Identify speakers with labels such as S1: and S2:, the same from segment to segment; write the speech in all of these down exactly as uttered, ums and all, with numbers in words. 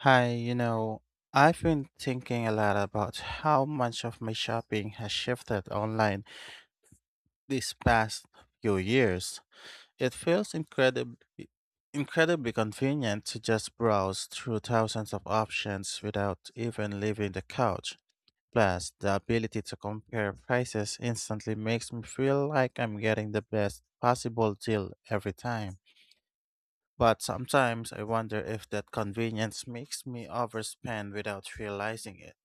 S1: Hi, you know, I've been thinking a lot about how much of my shopping has shifted online these past few years. It feels incredibly incredibly convenient to just browse through thousands of options without even leaving the couch. Plus, the ability to compare prices instantly makes me feel like I'm getting the best possible deal every time. But sometimes I wonder if that convenience makes me overspend without realizing it.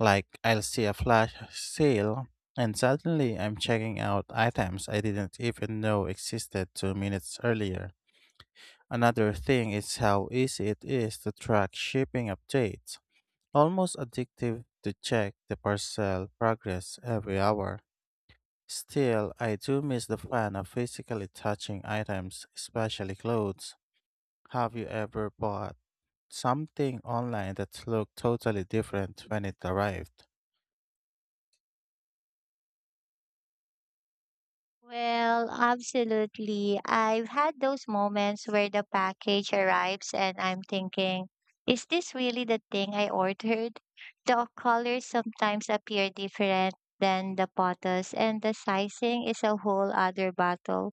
S1: Like, I'll see a flash sale, and suddenly I'm checking out items I didn't even know existed two minutes earlier. Another thing is how easy it is to track shipping updates. Almost addictive to check the parcel progress every hour. Still, I do miss the fun of physically touching items, especially clothes. Have you ever bought something online that looked totally different when it arrived?
S2: Well, absolutely. I've had those moments where the package arrives and I'm thinking, is this really the thing I ordered? The colors sometimes appear different than the photos, and the sizing is a whole other battle.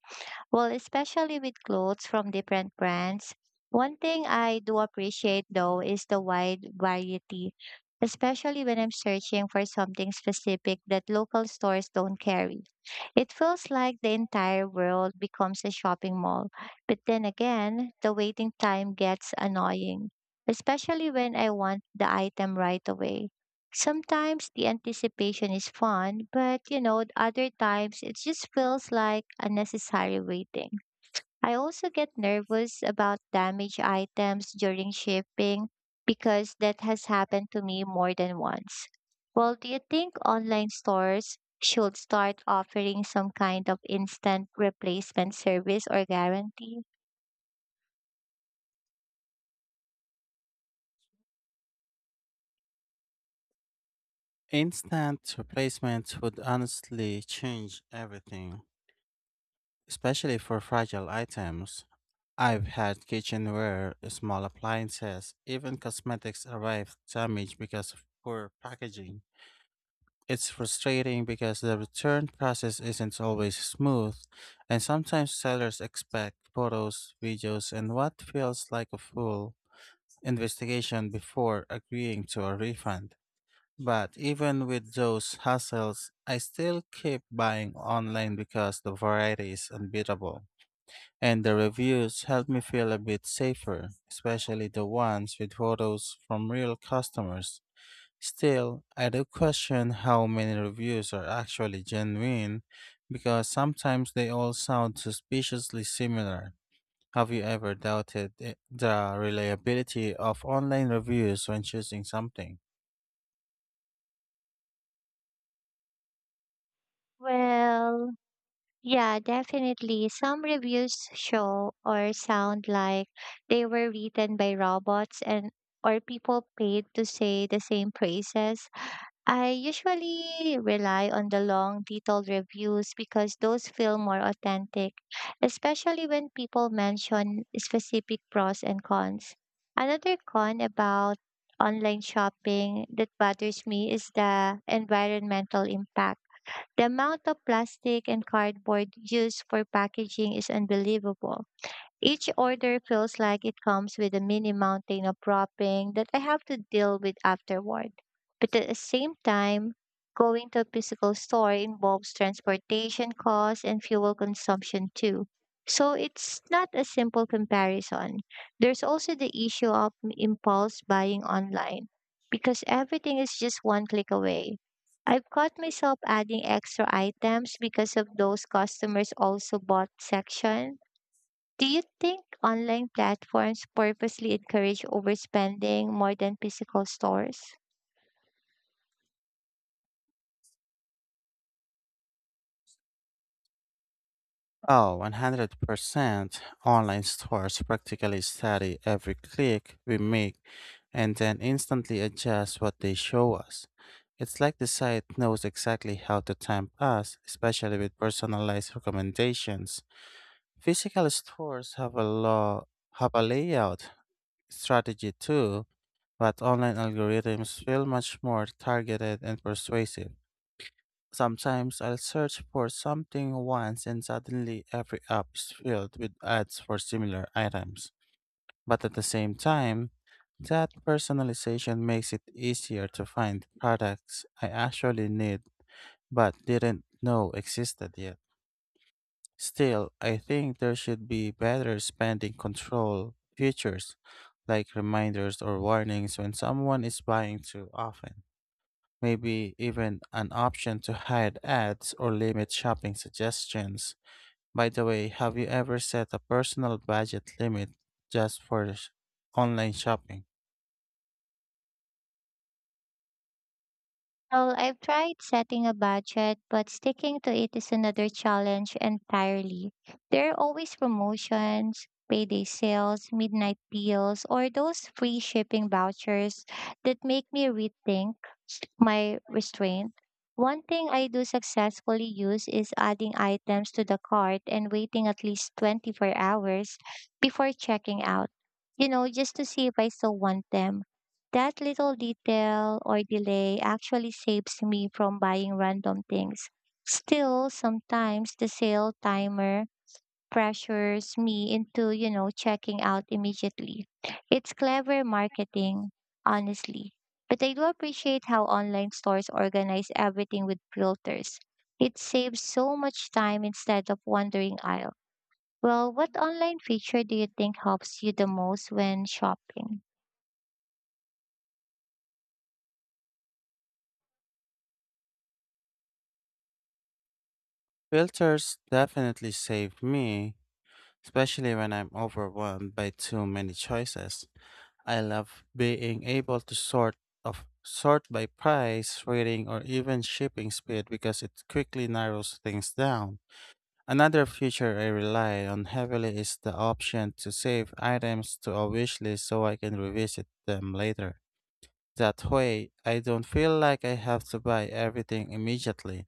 S2: Well, especially with clothes from different brands. One thing I do appreciate though is the wide variety, especially when I'm searching for something specific that local stores don't carry. It feels like the entire world becomes a shopping mall. But then again, the waiting time gets annoying, especially when I want the item right away. Sometimes the anticipation is fun, but you know, other times it just feels like unnecessary waiting. I also get nervous about damaged items during shipping because that has happened to me more than once. Well, do you think online stores should start offering some kind of instant replacement service or guarantee?
S1: Instant replacements would honestly change everything, especially for fragile items. I've had kitchenware, small appliances, even cosmetics arrive damaged because of poor packaging. It's frustrating because the return process isn't always smooth, and sometimes sellers expect photos, videos, and what feels like a full investigation before agreeing to a refund. But even with those hassles, I still keep buying online because the variety is unbeatable. And the reviews help me feel a bit safer, especially the ones with photos from real customers. Still, I do question how many reviews are actually genuine because sometimes they all sound suspiciously similar. Have you ever doubted I- the reliability of online reviews when choosing something?
S2: Well, Yeah, definitely. Some reviews show or sound like they were written by robots and or people paid to say the same praises. I usually rely on the long, detailed reviews because those feel more authentic, especially when people mention specific pros and cons. Another con about online shopping that bothers me is the environmental impact the amount of plastic and cardboard used for packaging is unbelievable. Each order feels like it comes with a mini mountain of wrapping that I have to deal with afterward. But at the same time, going to a physical store involves transportation costs and fuel consumption too. So it's not a simple comparison. There's also the issue of m- impulse buying online because everything is just one click away. I've caught myself adding extra items because of those customers also bought section do you think online platforms purposely encourage overspending more than physical stores?
S1: Oh, one hundred percent. Online stores practically study every click we make and then instantly adjust what they show us. It's like the site knows exactly how to tempt us, especially with personalized recommendations. Physical stores have a law have a layout strategy too, but online algorithms feel much more targeted and persuasive. Sometimes I'll search for something once and suddenly every app is filled with ads for similar items. But at the same time, that personalization makes it easier to find products I actually need but didn't know existed yet. Still, I think there should be better spending control features, like reminders or warnings when someone is buying too often. Maybe even an option to hide ads or limit shopping suggestions. By the way, have you ever set a personal budget limit just for sh- online shopping?
S2: Well, I've tried setting a budget, but sticking to it is another challenge entirely. There are always promotions, payday sales, midnight deals, or those free shipping vouchers that make me rethink my restraint. One thing I do successfully use is adding items to the cart and waiting at least twenty-four hours before checking out, you know, just to see if I still want them. That little detail or delay actually saves me from buying random things. Still, sometimes the sale timer pressures me into, you know, checking out immediately. It's clever marketing, honestly. But I do appreciate how online stores organize everything with filters. It saves so much time instead of wandering aisle. Well, what online feature do you think helps you the most when shopping?
S1: Filters definitely save me, especially when I'm overwhelmed by too many choices. I love being able to sort of sort by price, rating, or even shipping speed because it quickly narrows things down. Another feature I rely on heavily is the option to save items to a wish list so I can revisit them later. That way, I don't feel like I have to buy everything immediately.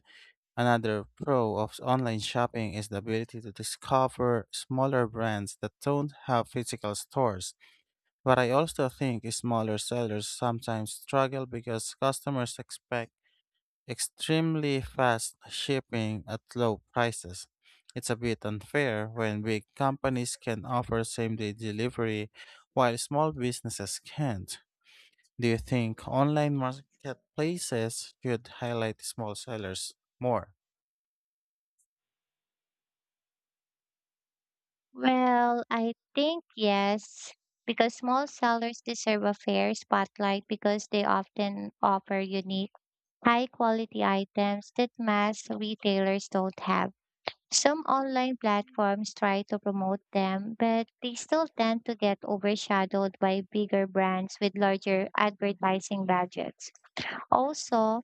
S1: Another pro of online shopping is the ability to discover smaller brands that don't have physical stores. But I also think smaller sellers sometimes struggle because customers expect extremely fast shipping at low prices. It's a bit unfair when big companies can offer same day delivery while small businesses can't. Do you think online marketplaces should highlight small sellers more?
S2: Well, I think yes, because small sellers deserve a fair spotlight because they often offer unique, high quality items that mass retailers don't have. Some online platforms try to promote them, but they still tend to get overshadowed by bigger brands with larger advertising budgets. Also,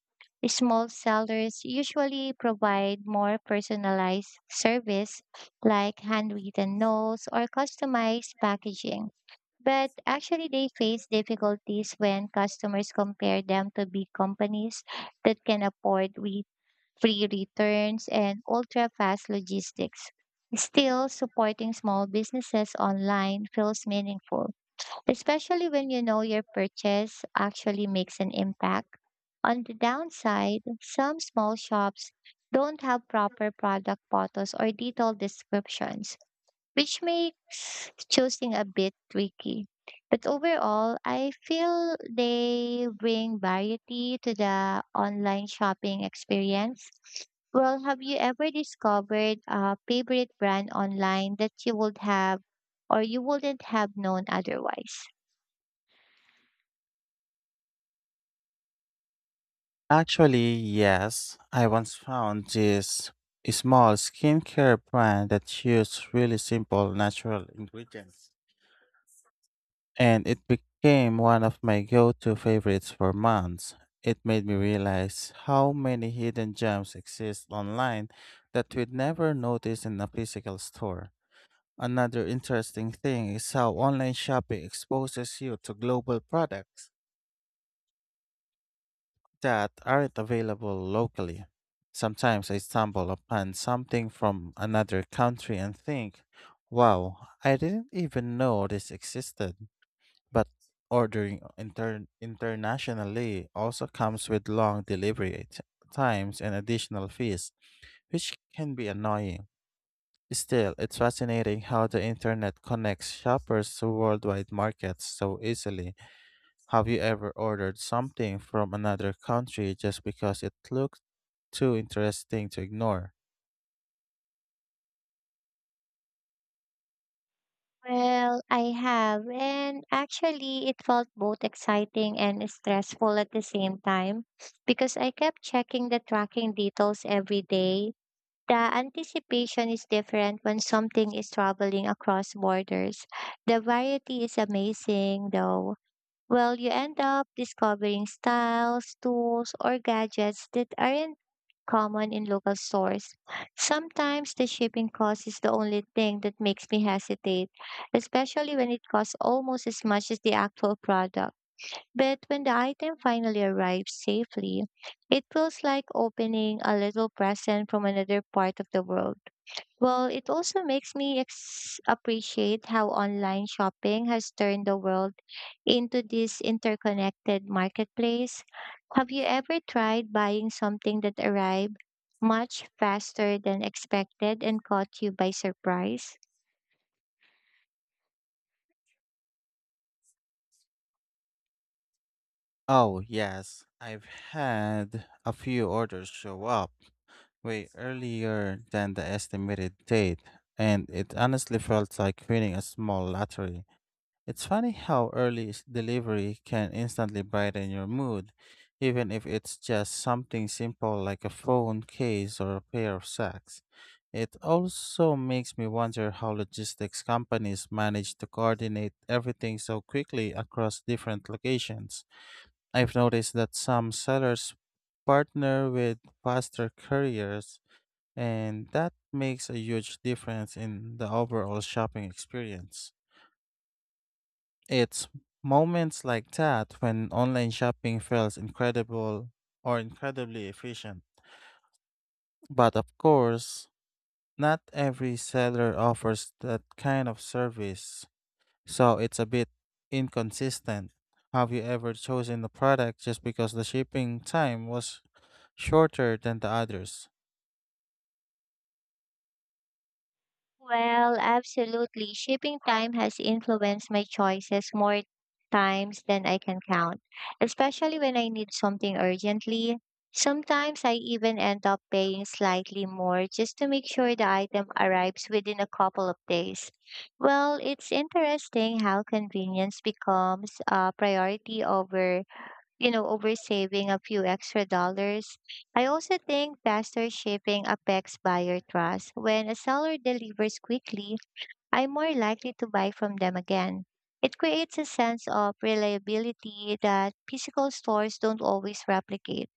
S2: small sellers usually provide more personalized service like handwritten notes or customized packaging. But actually, they face difficulties when customers compare them to big companies that can afford re- free returns and ultra fast logistics. Still, supporting small businesses online feels meaningful especially when you know your purchase actually makes an impact. On the downside, some small shops don't have proper product photos or detailed descriptions, which makes choosing a bit tricky. But overall, I feel they bring variety to the online shopping experience. Well, have you ever discovered a favorite brand online that you would have or you wouldn't have known otherwise?
S1: Actually, yes. I once found this small skincare brand that used really simple natural ingredients, and it became one of my go to favorites for months. It made me realize how many hidden gems exist online that we'd never notice in a physical store. Another interesting thing is how online shopping exposes you to global products that aren't available locally. Sometimes I stumble upon something from another country and think, wow, I didn't even know this existed. But ordering inter- internationally also comes with long delivery t- times and additional fees, which can be annoying. Still, it's fascinating how the internet connects shoppers to worldwide markets so easily. Have you ever ordered something from another country just because it looked too interesting to ignore?
S2: Well, I have, and actually, it felt both exciting and stressful at the same time because I kept checking the tracking details every day. The anticipation is different when something is traveling across borders. The variety is amazing, though. Well, you end up discovering styles, tools, or gadgets that aren't common in local stores. Sometimes the shipping cost is the only thing that makes me hesitate, especially when it costs almost as much as the actual product. But when the item finally arrives safely, it feels like opening a little present from another part of the world. Well, it also makes me ex- appreciate how online shopping has turned the world into this interconnected marketplace. Have you ever tried buying something that arrived much faster than expected and caught you by surprise?
S1: Oh, yes. I've had a few orders show up way earlier than the estimated date, and it honestly felt like winning a small lottery. It's funny how early s- delivery can instantly brighten your mood, even if it's just something simple like a phone case or a pair of socks. It also makes me wonder how logistics companies manage to coordinate everything so quickly across different locations. I've noticed that some sellers partner with faster couriers, and that makes a huge difference in the overall shopping experience. It's moments like that when online shopping feels incredible or incredibly efficient. But of course, not every seller offers that kind of service, so it's a bit inconsistent. Have you ever chosen a product just because the shipping time was shorter than the others?
S2: Well, absolutely. Shipping time has influenced my choices more times than I can count, especially when I need something urgently. Sometimes I even end up paying slightly more just to make sure the item arrives within a couple of days. Well, it's interesting how convenience becomes a priority over you know, over saving a few extra dollars. I also think faster shipping affects buyer trust. When a seller delivers quickly, I'm more likely to buy from them again. It creates a sense of reliability that physical stores don't always replicate.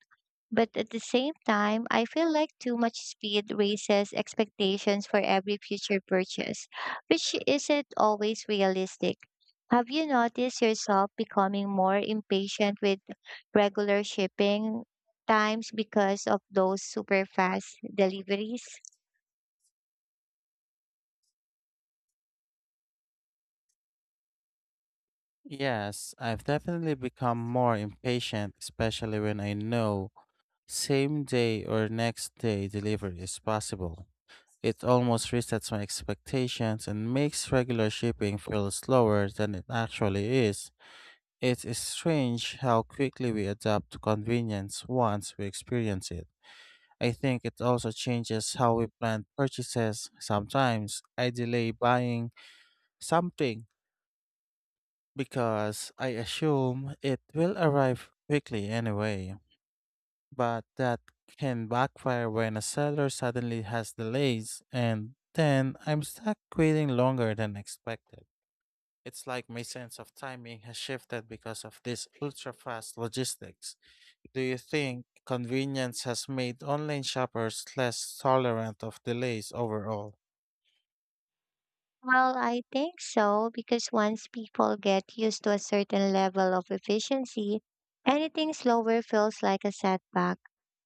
S2: But at the same time, I feel like too much speed raises expectations for every future purchase, which isn't always realistic. Have you noticed yourself becoming more impatient with regular shipping times because of those super fast deliveries?
S1: Yes, I've definitely become more impatient, especially when I know same day or next day delivery is possible. It almost resets my expectations and makes regular shipping feel slower than it actually is. It is strange how quickly we adapt to convenience once we experience it. I think it also changes how we plan purchases. Sometimes I delay buying something because I assume it will arrive quickly anyway. But that can backfire when a seller suddenly has delays, and then I'm stuck waiting longer than expected. It's like my sense of timing has shifted because of this ultra fast logistics. Do you think convenience has made online shoppers less tolerant of delays overall?
S2: Well, I think so, because once people get used to a certain level of efficiency, anything slower feels like a setback.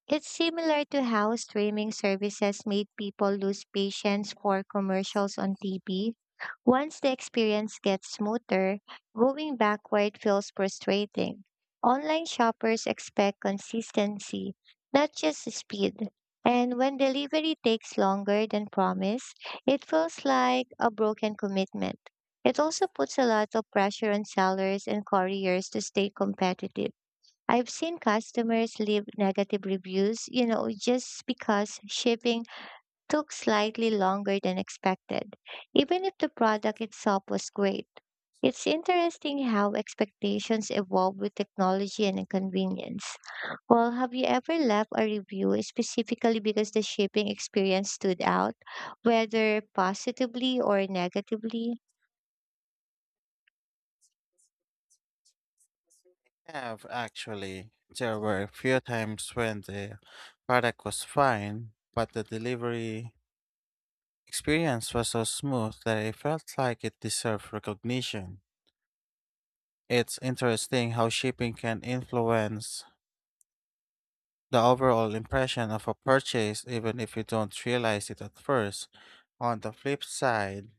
S2: It's similar to how streaming services made people lose patience for commercials on T V. Once the experience gets smoother, going backward feels frustrating. Online shoppers expect consistency, not just speed. And when delivery takes longer than promised, it feels like a broken commitment. It also puts a lot of pressure on sellers and couriers to stay competitive. I've seen customers leave negative reviews, you know, just because shipping took slightly longer than expected, even if the product itself was great. It's interesting how expectations evolve with technology and convenience. Well, have you ever left a review specifically because the shipping experience stood out, whether positively or negatively?
S1: Have actually. There were a few times when the product was fine, but the delivery experience was so smooth that it felt like it deserved recognition. It's interesting how shipping can influence the overall impression of a purchase even if you don't realize it at first. On the flip side,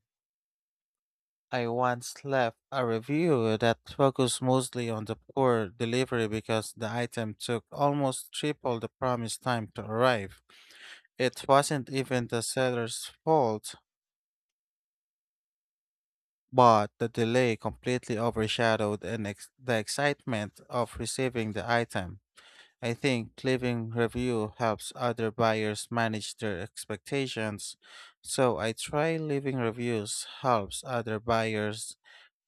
S1: I once left a review that focused mostly on the poor delivery because the item took almost triple the promised time to arrive. It wasn't even the seller's fault, but the delay completely overshadowed an ex- the excitement of receiving the item. I think leaving review helps other buyers manage their expectations. So I try Leaving reviews helps other buyers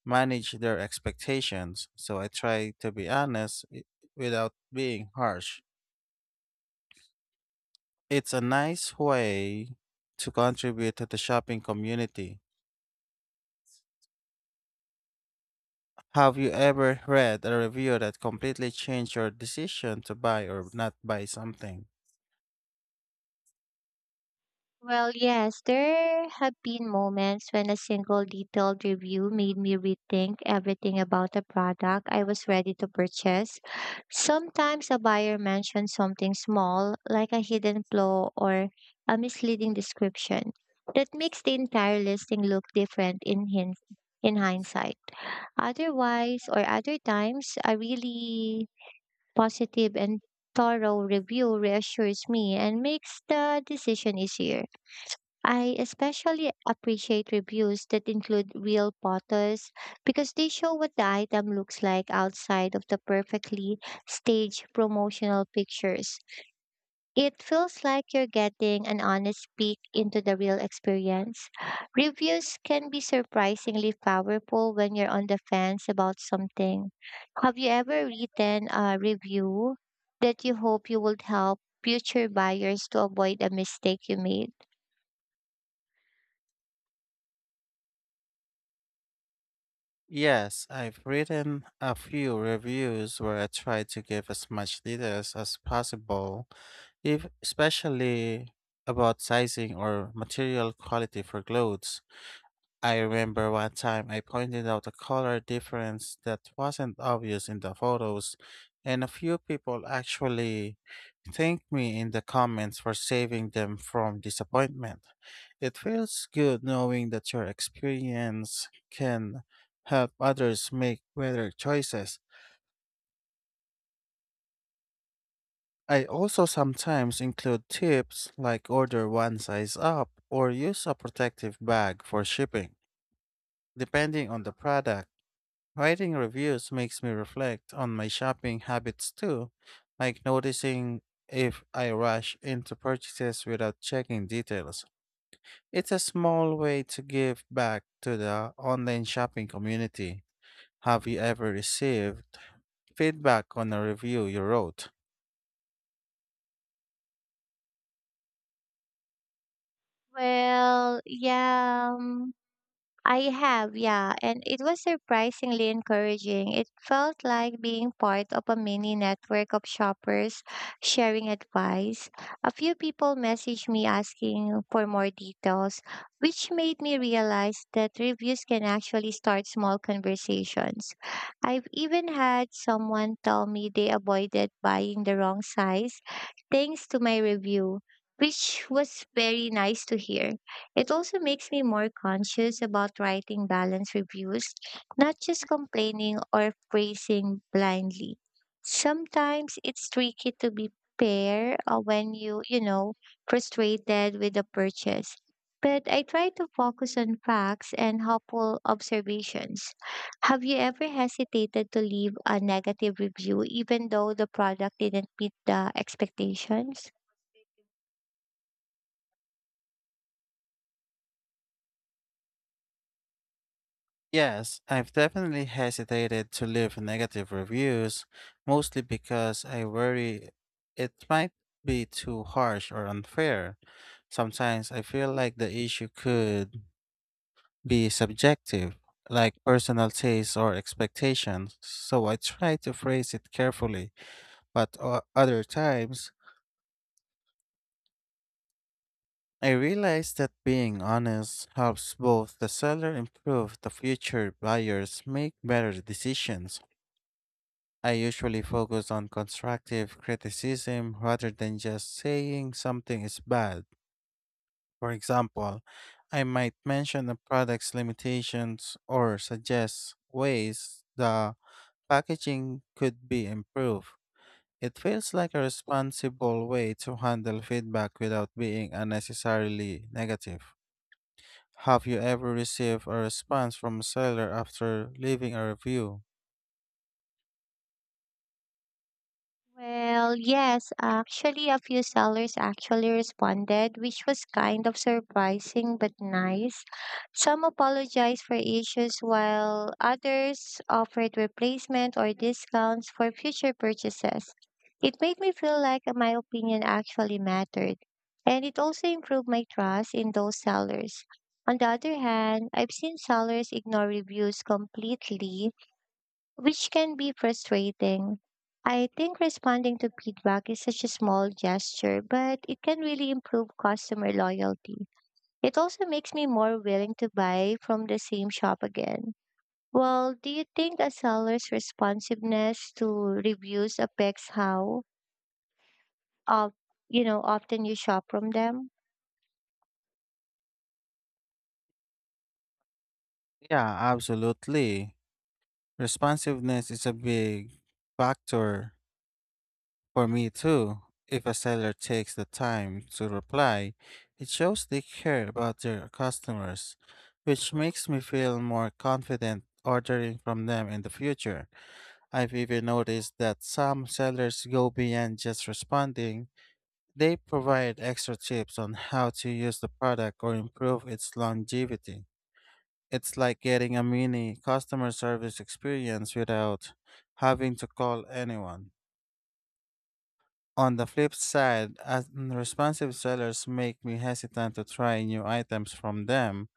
S1: manage their expectations. So I try to be honest i- without being harsh. It's a nice way to contribute to the shopping community. Have you ever read a review that completely changed your decision to buy or not buy something?
S2: Well, yes, there have been moments when a single detailed review made me rethink everything about a product I was ready to purchase. Sometimes a buyer mentioned something small, like a hidden flaw or a misleading description, that makes the entire listing look different in hin- in hindsight. Otherwise, or other times, a really positive and thorough review reassures me and makes the decision easier. I especially appreciate reviews that include real photos because they show what the item looks like outside of the perfectly staged promotional pictures. It feels like you're getting an honest peek into the real experience. Reviews can be surprisingly powerful when you're on the fence about something. Have you ever written a review that you hope you would help future buyers to avoid a mistake you made?
S1: Yes, I've written a few reviews where I try to give as much details as possible, if especially about sizing or material quality for clothes. I remember one time I pointed out a color difference that wasn't obvious in the photos, and a few people actually thanked me in the comments for saving them from disappointment. It feels good knowing that your experience can help others make better choices. I also sometimes include tips like order one size up or use a protective bag for shipping, depending on the product. Writing reviews makes me reflect on my shopping habits too, like noticing if I rush into purchases without checking details. It's a small way to give back to the online shopping community. Have you ever received feedback on a review you wrote?
S2: Well, yeah, um, I have, yeah, and it was surprisingly encouraging. It felt like being part of a mini network of shoppers sharing advice. A few people messaged me asking for more details, which made me realize that reviews can actually start small conversations. I've even had someone tell me they avoided buying the wrong size thanks to my review, which was very nice to hear. It also makes me more conscious about writing balanced reviews, not just complaining or praising blindly. Sometimes it's tricky to be fair uh, when you, you know, frustrated with a purchase. But I try to focus on facts and helpful observations. Have you ever hesitated to leave a negative review even though the product didn't meet the expectations?
S1: Yes, I've definitely hesitated to leave negative reviews, mostly because I worry it might be too harsh or unfair. Sometimes I feel like the issue could be subjective, like personal tastes or expectations, so I try to phrase it carefully. But o- other times, I realize that being honest helps both the seller improve the future buyers make better decisions. I usually focus on constructive criticism rather than just saying something is bad. For example, I might mention the product's limitations or suggest ways the packaging could be improved. It feels like a responsible way to handle feedback without being unnecessarily negative. Have you ever received a response from a seller after leaving a review?
S2: Well, yes, actually, a few sellers actually responded, which was kind of surprising but nice. Some apologized for issues, while others offered replacement or discounts for future purchases. It made me feel like my opinion actually mattered, and it also improved my trust in those sellers. On the other hand, I've seen sellers ignore reviews completely which can be frustrating. I think responding to feedback is such a small gesture, but it can really improve customer loyalty. It also makes me more willing to buy from the same shop again. Well, do you think a seller's responsiveness to reviews affects how, of, you know, often you shop from them?
S1: Yeah, absolutely. Responsiveness is a big factor for me too. If a seller takes the time to reply, it shows they care about their customers, which makes me feel more confident ordering from them in the future. I've even noticed that some sellers go beyond just responding. They provide extra tips on how to use the product or improve its longevity. It's like getting a mini customer service experience without having to call anyone. On the flip side, unresponsive sellers make me hesitant to try new items from them.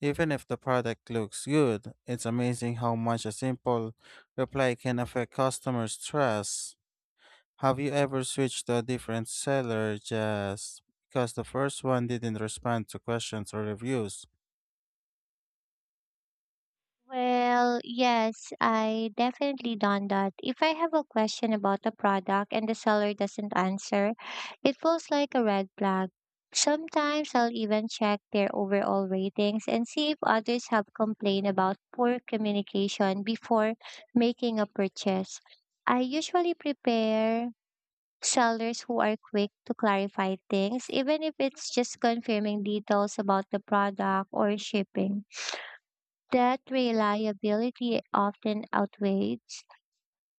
S1: Even if the product looks good, it's amazing how much a simple reply can affect customers' trust. Have you ever switched to a different seller just because the first one didn't respond to questions or reviews?
S2: Well, yes, I definitely done that. If I have a question about a product and the seller doesn't answer, it feels like a red flag. Sometimes I'll even check their overall ratings and see if others have complained about poor communication before making a purchase. I usually prepare sellers who are quick to clarify things, even if it's just confirming details about the product or shipping. That reliability often outweighs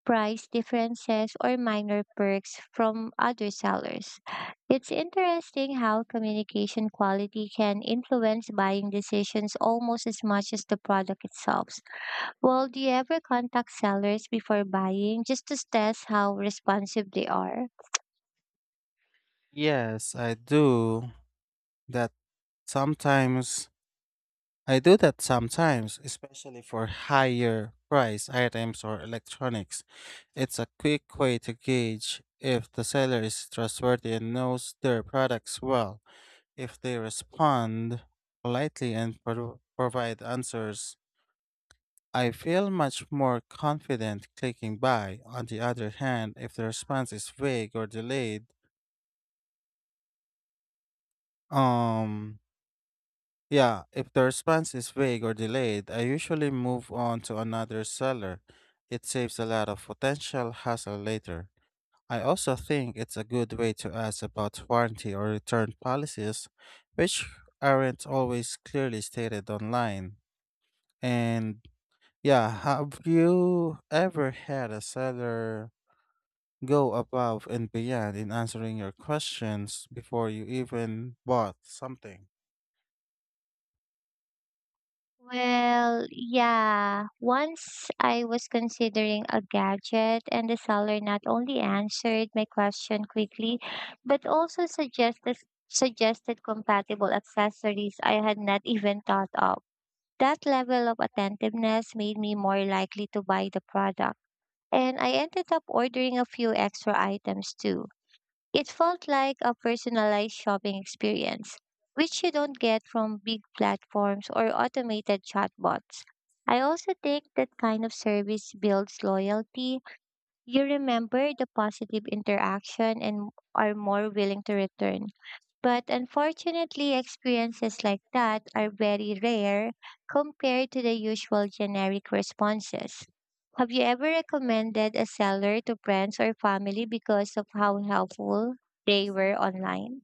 S2: price differences or minor perks from other sellers. It's interesting how communication quality can influence buying decisions almost as much as the product itself. Well, do you ever contact sellers before buying just to test how responsive they are?
S1: Yes, I do. That Sometimes I do that sometimes, especially for higher price items or electronics. It's a quick way to gauge if the seller is trustworthy and knows their products well. If they respond politely and pro- provide answers, I feel much more confident clicking buy. On the other hand, if the response is vague or delayed, um, Yeah, if the response is vague or delayed, I usually move on to another seller. It saves a lot of potential hassle later. I also think it's a good way to ask about warranty or return policies, which aren't always clearly stated online. And yeah, have you ever had a seller go above and beyond in answering your questions before you even bought something?
S2: Well, yeah. Once I was considering a gadget, and the seller not only answered my question quickly, but also suggested suggested compatible accessories I had not even thought of. That level of attentiveness made me more likely to buy the product, and I ended up ordering a few extra items too. It felt like a personalized shopping experience, which you don't get from big platforms or automated chatbots. I also think that kind of service builds loyalty. You remember the positive interaction and are more willing to return. But unfortunately, experiences like that are very rare compared to the usual generic responses. Have you ever recommended a seller to friends or family because of how helpful they were online?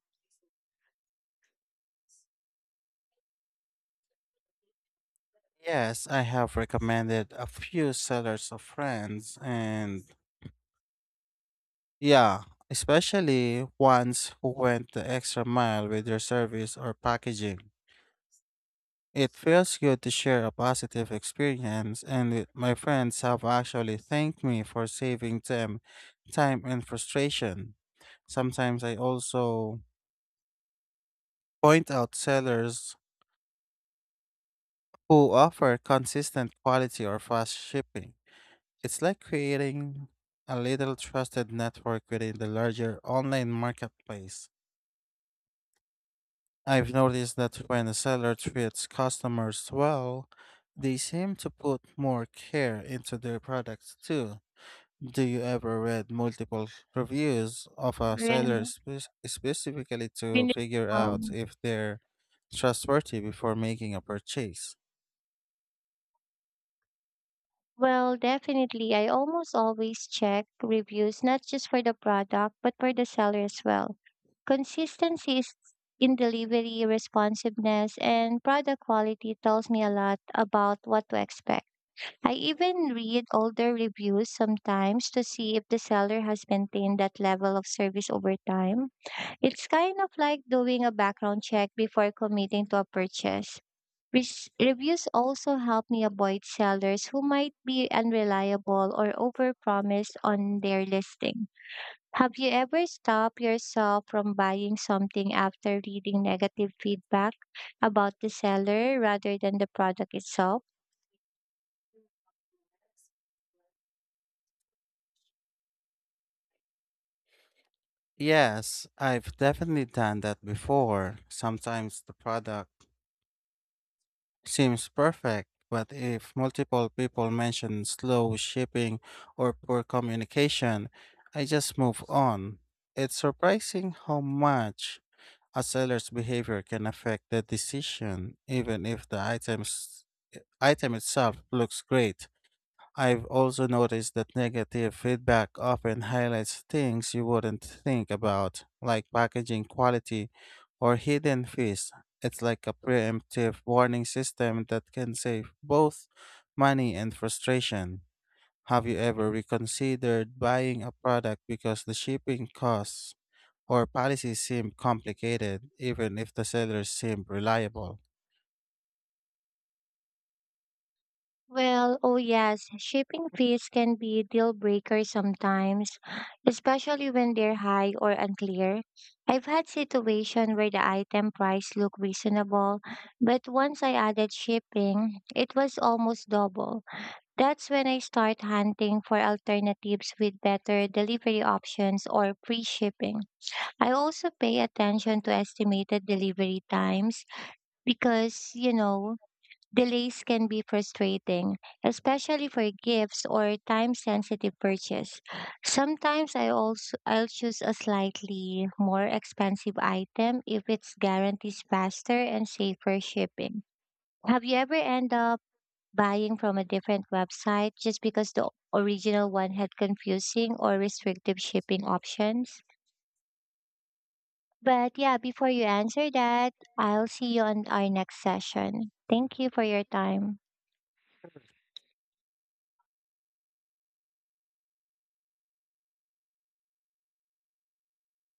S1: Yes, I have recommended a few sellers of friends, and yeah, especially ones who went the extra mile with their service or packaging. It feels good to share a positive experience, and it- my friends have actually thanked me for saving them time and frustration. Sometimes I also point out sellers who offer consistent quality or fast shipping. It's like creating a little trusted network within the larger online marketplace. I've noticed that when a seller treats customers well, they seem to put more care into their products too. Do you ever read multiple reviews of a
S2: Really,
S1: seller
S2: naman-
S1: spe- specifically to
S2: meron
S1: figure out if they're trustworthy before making a purchase?
S2: Well, definitely. I almost always check reviews, not just for the product, but for the seller as well. Consistency is in delivery, responsiveness, and product quality tells me a lot about what to expect. I even read older reviews sometimes to see if the seller has maintained that level of service over time. It's kind of like doing a background check before committing to a purchase. Res- reviews also help me avoid sellers who might be unreliable or overpromise on their listing. Have you ever stopped yourself from buying something after reading negative feedback about the seller rather than the product itself?
S1: Yes, I've definitely done that before. Sometimes the product seems perfect, but if multiple people mention slow shipping or poor communication, I just move on. It's surprising how much a seller's behavior can affect the decision, even if the items, item itself looks great. I've also noticed that negative feedback often highlights things you wouldn't think about, like packaging quality or hidden fees. It's like a preemptive warning system that can save both money and frustration. Have you ever reconsidered buying a product because the shipping costs or policies seem complicated even if the sellers seem reliable?
S2: Well, oh yes, shipping fees can be a deal breaker sometimes, especially when they're high or unclear. I've had situation where the item price looked reasonable, but once I added shipping, it was almost double. That's when I start hunting for alternatives with better delivery options or free shipping. I also pay attention to estimated delivery times because, you know, delays can be frustrating, especially for gifts or time-sensitive purchase. Sometimes I also I'll choose a slightly more expensive item if it's guarantees faster and safer shipping. Have you ever end up buying from a different website just because the original one had confusing or restrictive shipping options? But yeah, before you answer that, I'll see you on our next session. Thank you for your time.